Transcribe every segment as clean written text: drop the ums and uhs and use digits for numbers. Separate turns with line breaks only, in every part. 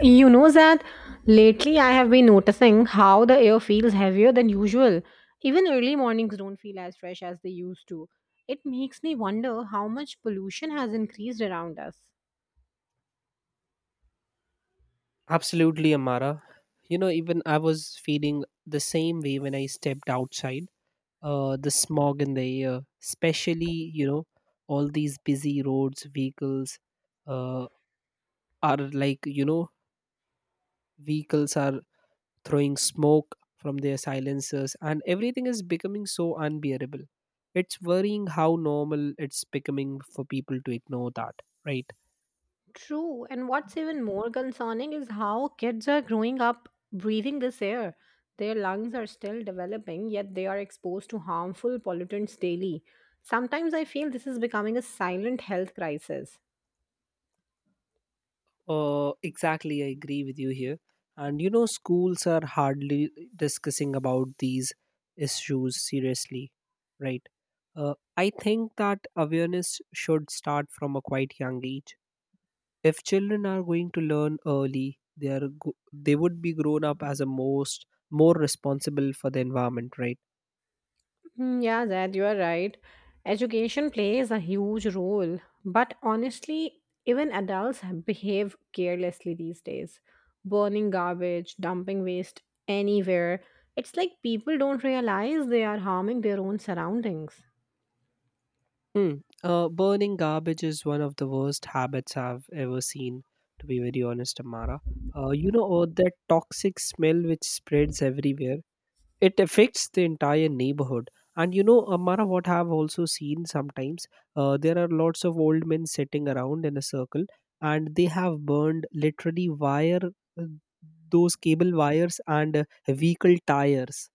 You know that lately I have been noticing how the air feels heavier than usual. Even early mornings don't feel as fresh as they used to. It makes me wonder how much pollution has increased around us.
Absolutely, Amara. You know, even I was feeling the same way when I stepped outside. The smog in the air, especially, you know, all these busy roads, vehicles uh, are like, you know, vehicles are throwing smoke from their silencers, and everything is becoming so unbearable. It's worrying how normal it's becoming for people to ignore that, right?
True, and what's even more concerning is how kids are growing up breathing this air. Their lungs are still developing, yet they are exposed to harmful pollutants daily. Sometimes I feel this is becoming a silent health crisis.
Exactly, I agree with you here. And you know, schools are hardly discussing about these issues seriously, right? I think that awareness should start from a quite young age. If children are going to learn early, they would be grown up as a most more responsible for the environment, right?
Yeah, that you are right. Education plays a huge role, but honestly, even adults behave carelessly these days, burning garbage, dumping waste anywhere. It's like people don't realize they are harming their own surroundings.
Hmm. Burning garbage is one of the worst habits I've ever seen, to be very honest, Amara. That toxic smell which spreads everywhere, it affects the entire neighborhood. And you know, Amara, what I've also seen sometimes, there are lots of old men sitting around in a circle, and they have burned literally wire, uh, those cable wires and vehicle tires,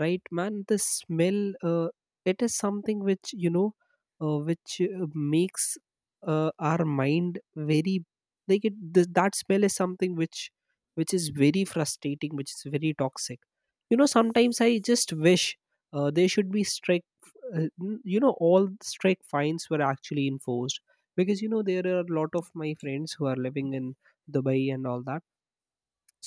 right, man. The smell, it is something which, you know, which makes our mind very, like that smell is something which is very frustrating, which is very toxic. You know, sometimes I just wish there should be strike, you know, all strike fines were actually enforced, because you know there are a lot of my friends who are living in Dubai and all that.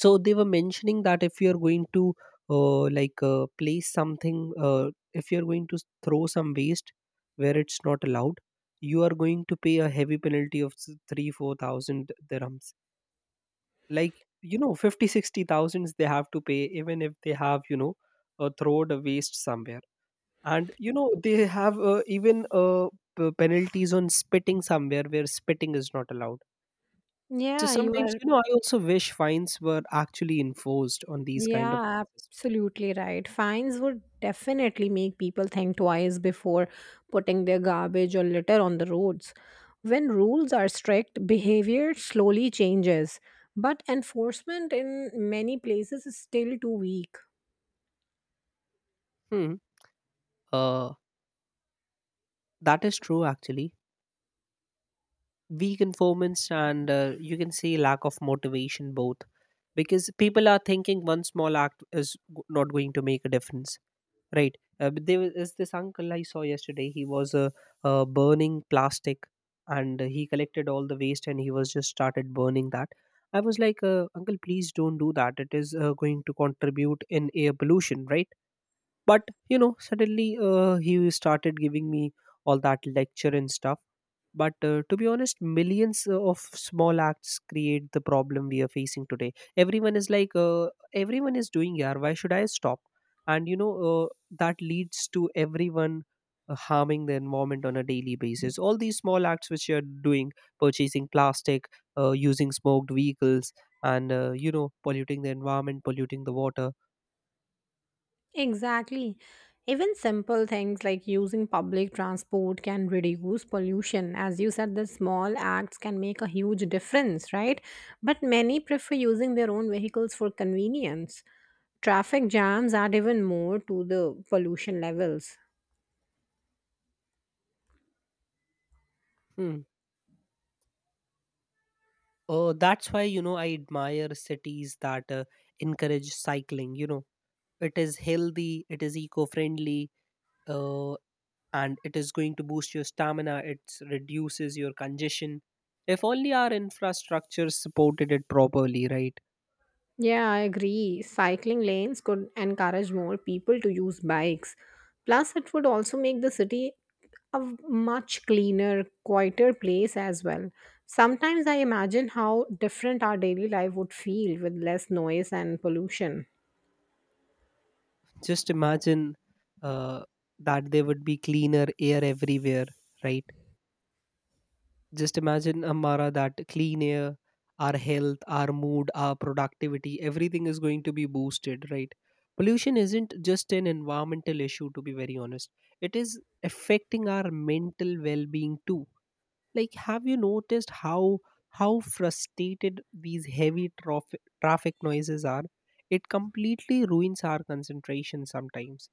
So they were mentioning that if you're going to place something, if you're going to throw some waste where it's not allowed, you are going to pay a heavy penalty of 3 4,000 dirhams, like, you know, 50, 60 thousands they have to pay, even if they have, you know, thrown the waste somewhere. And you know they have, even penalties on spitting somewhere where spitting is not allowed. So
Yeah, you
sometimes,
are
you know, I also wish fines were actually enforced on these kind of
Yeah,
things as
absolutely right. Fines would definitely make people think twice before putting their garbage or litter on the roads. When rules are strict, behavior slowly changes, but enforcement in many places is still too weak.
well. Hmm. Uh, that is true, actually. Weak informants and, you can say, lack of motivation both, because people are thinking one small act is not going to make a difference. Right. But there is this uncle I saw yesterday. He was burning plastic, and he collected all the waste and he was just started burning that. I was like, Uncle, please don't do that. It is going to contribute in air pollution, right? But you know, suddenly he started giving me all that lecture and stuff. But to be honest, millions of small acts create the problem we are facing today. Everyone is like, everyone is doing, yeah, why should I stop? And you know, that leads to everyone harming the environment on a daily basis. All these small acts which you are doing, purchasing plastic, using smoked vehicles, and you know, polluting the environment, polluting the water.
Exactly. Even simple things like using public transport can reduce pollution. As you said, the small acts can make a huge difference, right? But many prefer using their own vehicles for convenience. Traffic jams add even more to the pollution levels.
Hmm. Oh, that's why, you know, I admire cities that encourage cycling. You know, it is healthy, it is eco friendly, uh, and it is going to boost your stamina, it reduces your congestion. If only our infrastructure supported it properly, right?
Yeah, I agree. Cycling lanes could encourage more people to use bikes. Plus, it would also make the city a much cleaner, quieter place as well. Sometimes I imagine how different our daily life would feel with less noise and pollution.
Just imagine uh, that there would be cleaner air everywhere, right? Just imagine, Amara, that clean air, our health, our mood, our productivity, everything is going to be boosted, right? Pollution isn't just an environmental issue, to be very honest. It is affecting our mental well-being too. Like, have you noticed how frustrated these heavy traffic noises are? It completely ruins our concentration sometimes.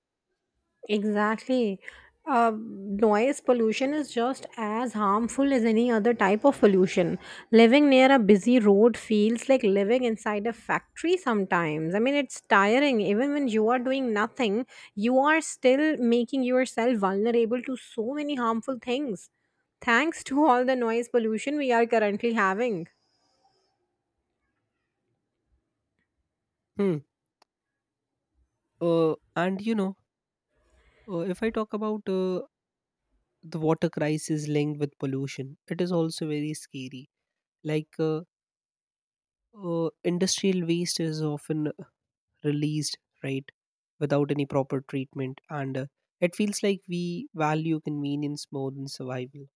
Exactly. Noise pollution is just as harmful as any other type of pollution. Living near a busy road feels like living inside a factory sometimes. I mean, it's tiring. Even when you are doing nothing, you are still making yourself vulnerable to so many harmful things. Thanks to all the noise pollution we are currently having.
Hmm. And you know, if I talk about, the water crisis linked with pollution, it is also very scary. Like, industrial waste is often released, right, without any proper treatment, and it feels like we value convenience more than survival.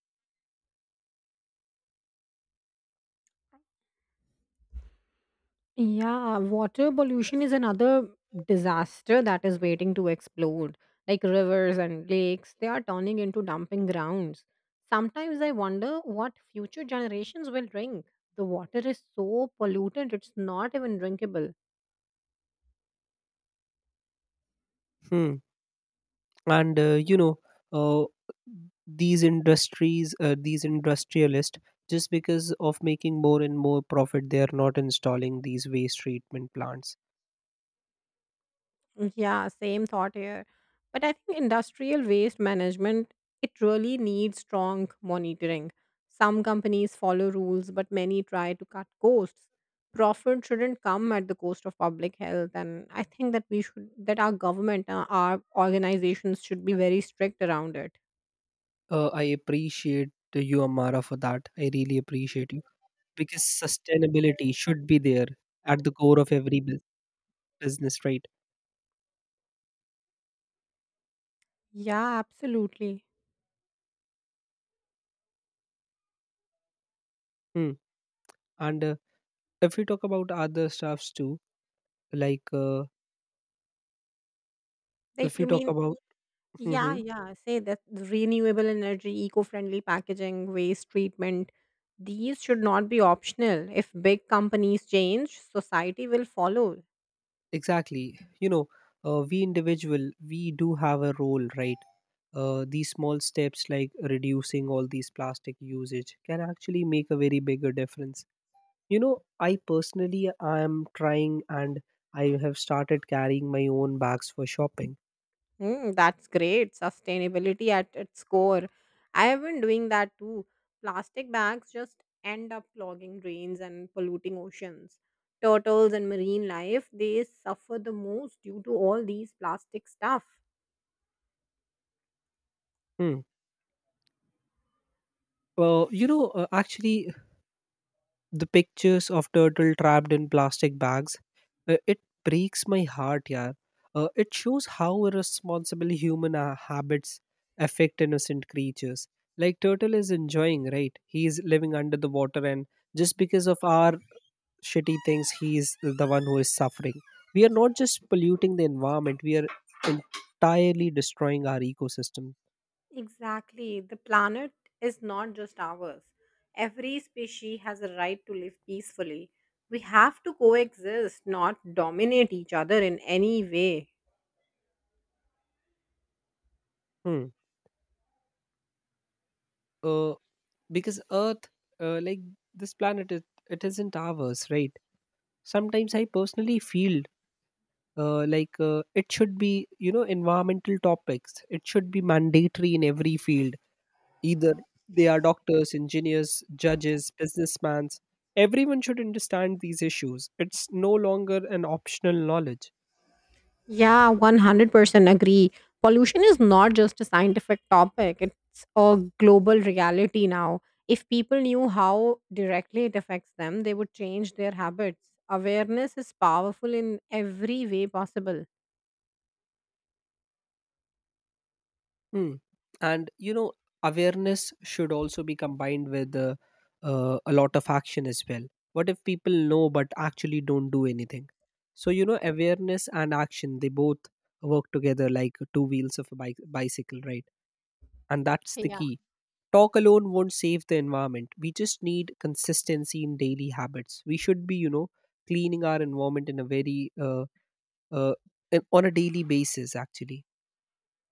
Yeah, water pollution is another disaster that is waiting to explode. Like rivers and lakes, they are turning into dumping grounds. Sometimes I wonder what future generations will drink. The water is so polluted, it's not even drinkable.
Hmm. And you know, uh, these industries, these industrialists, just because of making more and more profit, they are not installing these waste treatment plants.
Yeah, same thought here. But I think industrial waste management, it really needs strong monitoring. Some companies follow rules, but many try to cut costs. Profit shouldn't come at the cost of public health. And I think that we should, that our government, our organizations should be very strict around it.
I appreciate you, Amara, for that. I really appreciate, because sustainability should be there at the core of every business, right?
Yeah, absolutely.
Hmm. And if we talk about other stuffs too, like,
Like,
if
you
we talk
mean.
about,
Yeah,
hmm,
yeah, say that the renewable energy, eco-friendly packaging, waste treatment, these should not be optional. If big companies change, society will follow.
exactly, you know, we individual, we do have a role, right? These small steps like reducing all these plastic usage can actually make a very bigger difference. You know, I personally, I am trying, and I have started carrying my own bags for shopping.
Mm, that's great. Sustainability at its core. I have been doing that too. Plastic bags just end up clogging drains and polluting oceans. Turtles and marine life, they suffer the most due to all these plastic stuff.
Hmm. Actually, the pictures of turtle trapped in plastic bags, it breaks my heart. Yeah, it shows how irresponsible human habits affect innocent creatures. Like, turtle is enjoying, right, he is living under the water, and just because of our shitty things he is the one who is suffering. We are not just polluting the environment, we are entirely destroying our ecosystem.
Exactly. The planet is not just ours. Every species has a right to live peacefully. We have to coexist, not dominate each other in any way.
Hmm. uh, because earth, like this planet, it isn't ours, right? Sometimes I personally feel, like, it should be, you know, environmental topics, it should be mandatory in every field, either they are doctors, engineers, judges, businessmen, everyone should understand these issues. It's no longer an optional knowledge.
Yeah, 100% agree. Pollution is not just a scientific topic, it's a global reality now. If people knew how directly it affects them, they would change their habits. Awareness is powerful in every way possible.
Mm. And you know, awareness should also be combined with a lot of action as well. What if people know but actually don't do anything? So you know, awareness and action, they both work together like two wheels of a bike bicycle, right? And that's the
Yeah.
key. Talk alone won't save the environment. We just need consistency in daily habits. We should be, you know, cleaning our environment in a very, uh, on a daily basis actually.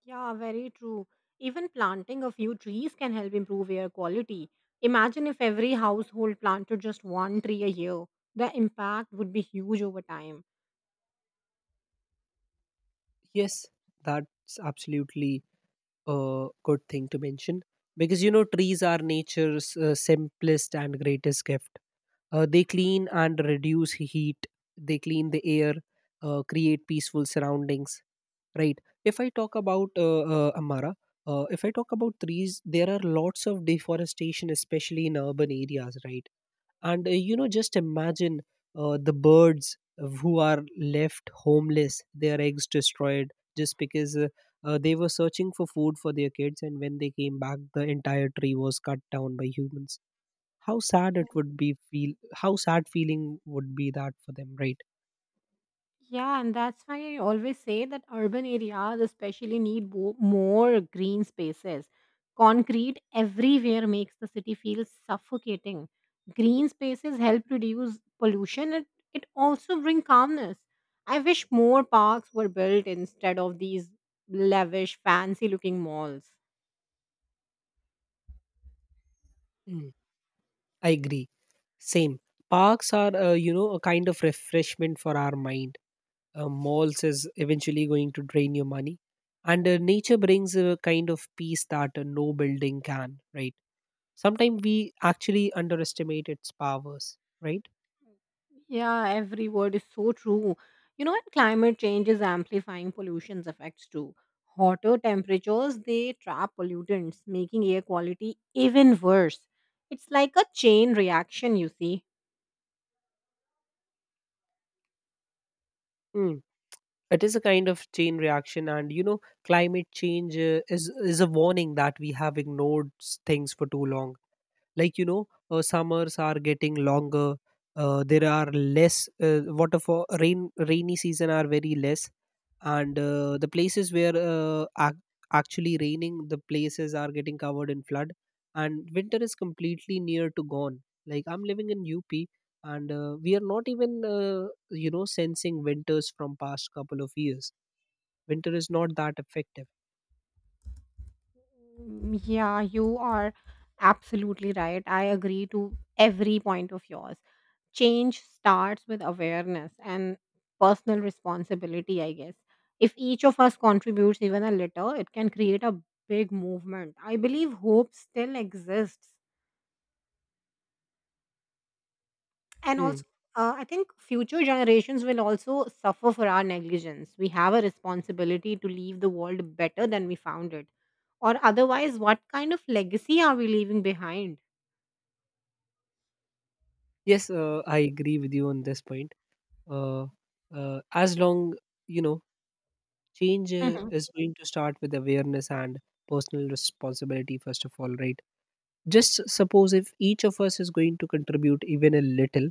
Yeah, very true. Even planting a few trees can help improve air quality. Imagine if every household planted just one tree a year. The impact would be huge over time.
Yes, that's absolutely a good thing to mention, because you know trees are nature's simplest and greatest gift. They clean and reduce heat. They clean the air, create peaceful surroundings. Right. If I talk about, Amara, if I talk about trees, there are lots of deforestation, especially in urban areas. Right. And you know, just imagine the birds who are left homeless, their eggs destroyed, just because they were searching for food for their kids, and when they came back, the entire tree was cut down by humans. How sad it would be feel. How sad feeling would be that for them, right?
Yeah, and that's why I always say that urban areas especially need more green spaces. Concrete everywhere makes the city feel suffocating. Green spaces help reduce pollution and it also bring calmness. I wish more parks were built instead of these lavish fancy looking malls.
Mm, I agree. Same. Parks are, you know, a kind of refreshment for our mind. Malls is eventually going to drain your money, and nature brings a kind of peace that no building can, right? Sometimes we actually underestimate its powers, right?
Yeah, every word is so true. You know, and climate change is amplifying pollution's effects too. Hotter temperatures, they trap pollutants, making air quality even worse. It's like a chain reaction, you see.
Mm. It is a kind of chain reaction, and you know climate change is a warning that we have ignored things for too long. Like, you know, summers are getting longer, there are less waterfall rain, rainy season are very less, and the places where, actually raining, the places are getting covered in flood, and winter is completely near to gone. Like, I'm living in UP, and we are not even, you know, sensing winters from past couple of years. Winter is not that effective.
Yeah, you are absolutely right. I agree to every point of yours. Change starts with awareness and personal responsibility, I guess. If each of us contributes even a little, it can create a big movement. I believe hope still exists. And
Hmm.
also, I think future generations will also suffer for our negligence. We have a responsibility to leave the world better than we found it. Or otherwise, what kind of legacy are we leaving behind?
Yes, I agree with you on this point. Uh, uh, as long, you know, change
Mhm.
is going to start with awareness and personal responsibility first of all, right? Just suppose if each of us is going to contribute even a little,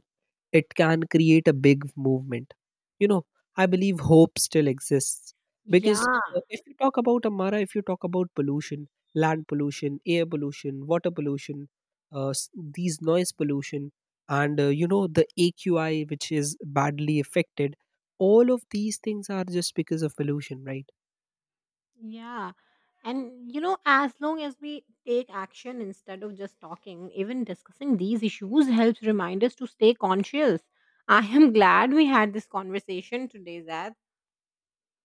it can create a big movement. You know, I believe hope still exists,
Yeah,
because if you talk about Amara, if you talk about pollution, land pollution, air pollution, water pollution, these noise pollution, and you know, the AQI which is badly affected, all of these things are just because of pollution, right?
yeah. And, you know, as long as we take action instead of just talking, even discussing these issues helps remind us to stay conscious. I am glad we had this conversation today, Zad.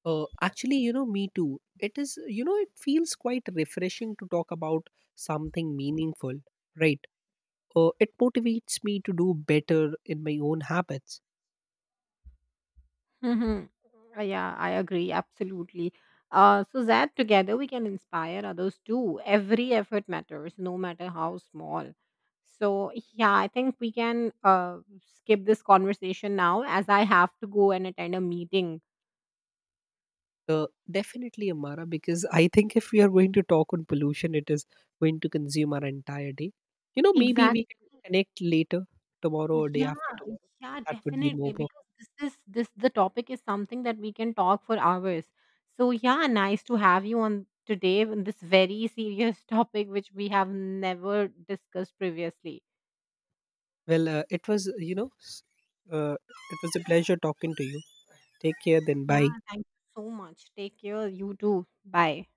Actually, you know, me too. It is, you know, it feels quite refreshing to talk about something meaningful, right? It motivates me to do better in my own habits.
Mhm. Yeah, I agree. Absolutely. So, Zad, together we can inspire others too. Every effort matters, no matter how small. So, yeah, I think we can skip this conversation now as I have to go and attend a meeting.
Definitely, Amara, because I think if we are going to talk on pollution, it is going to consume our entire day. You know, maybe
Exactly.
we can connect later, tomorrow or day
Yeah,
after tomorrow.
yeah,
That would be
definitely.
more perfect.
Because this the topic is something that we can talk for hours. So yeah, nice to have you on today on this very serious topic which we have never discussed previously.
Well, it was, you know, it was a pleasure talking to you. Take care, then bye.
Yeah, thank you so much. Take care. You too. Bye.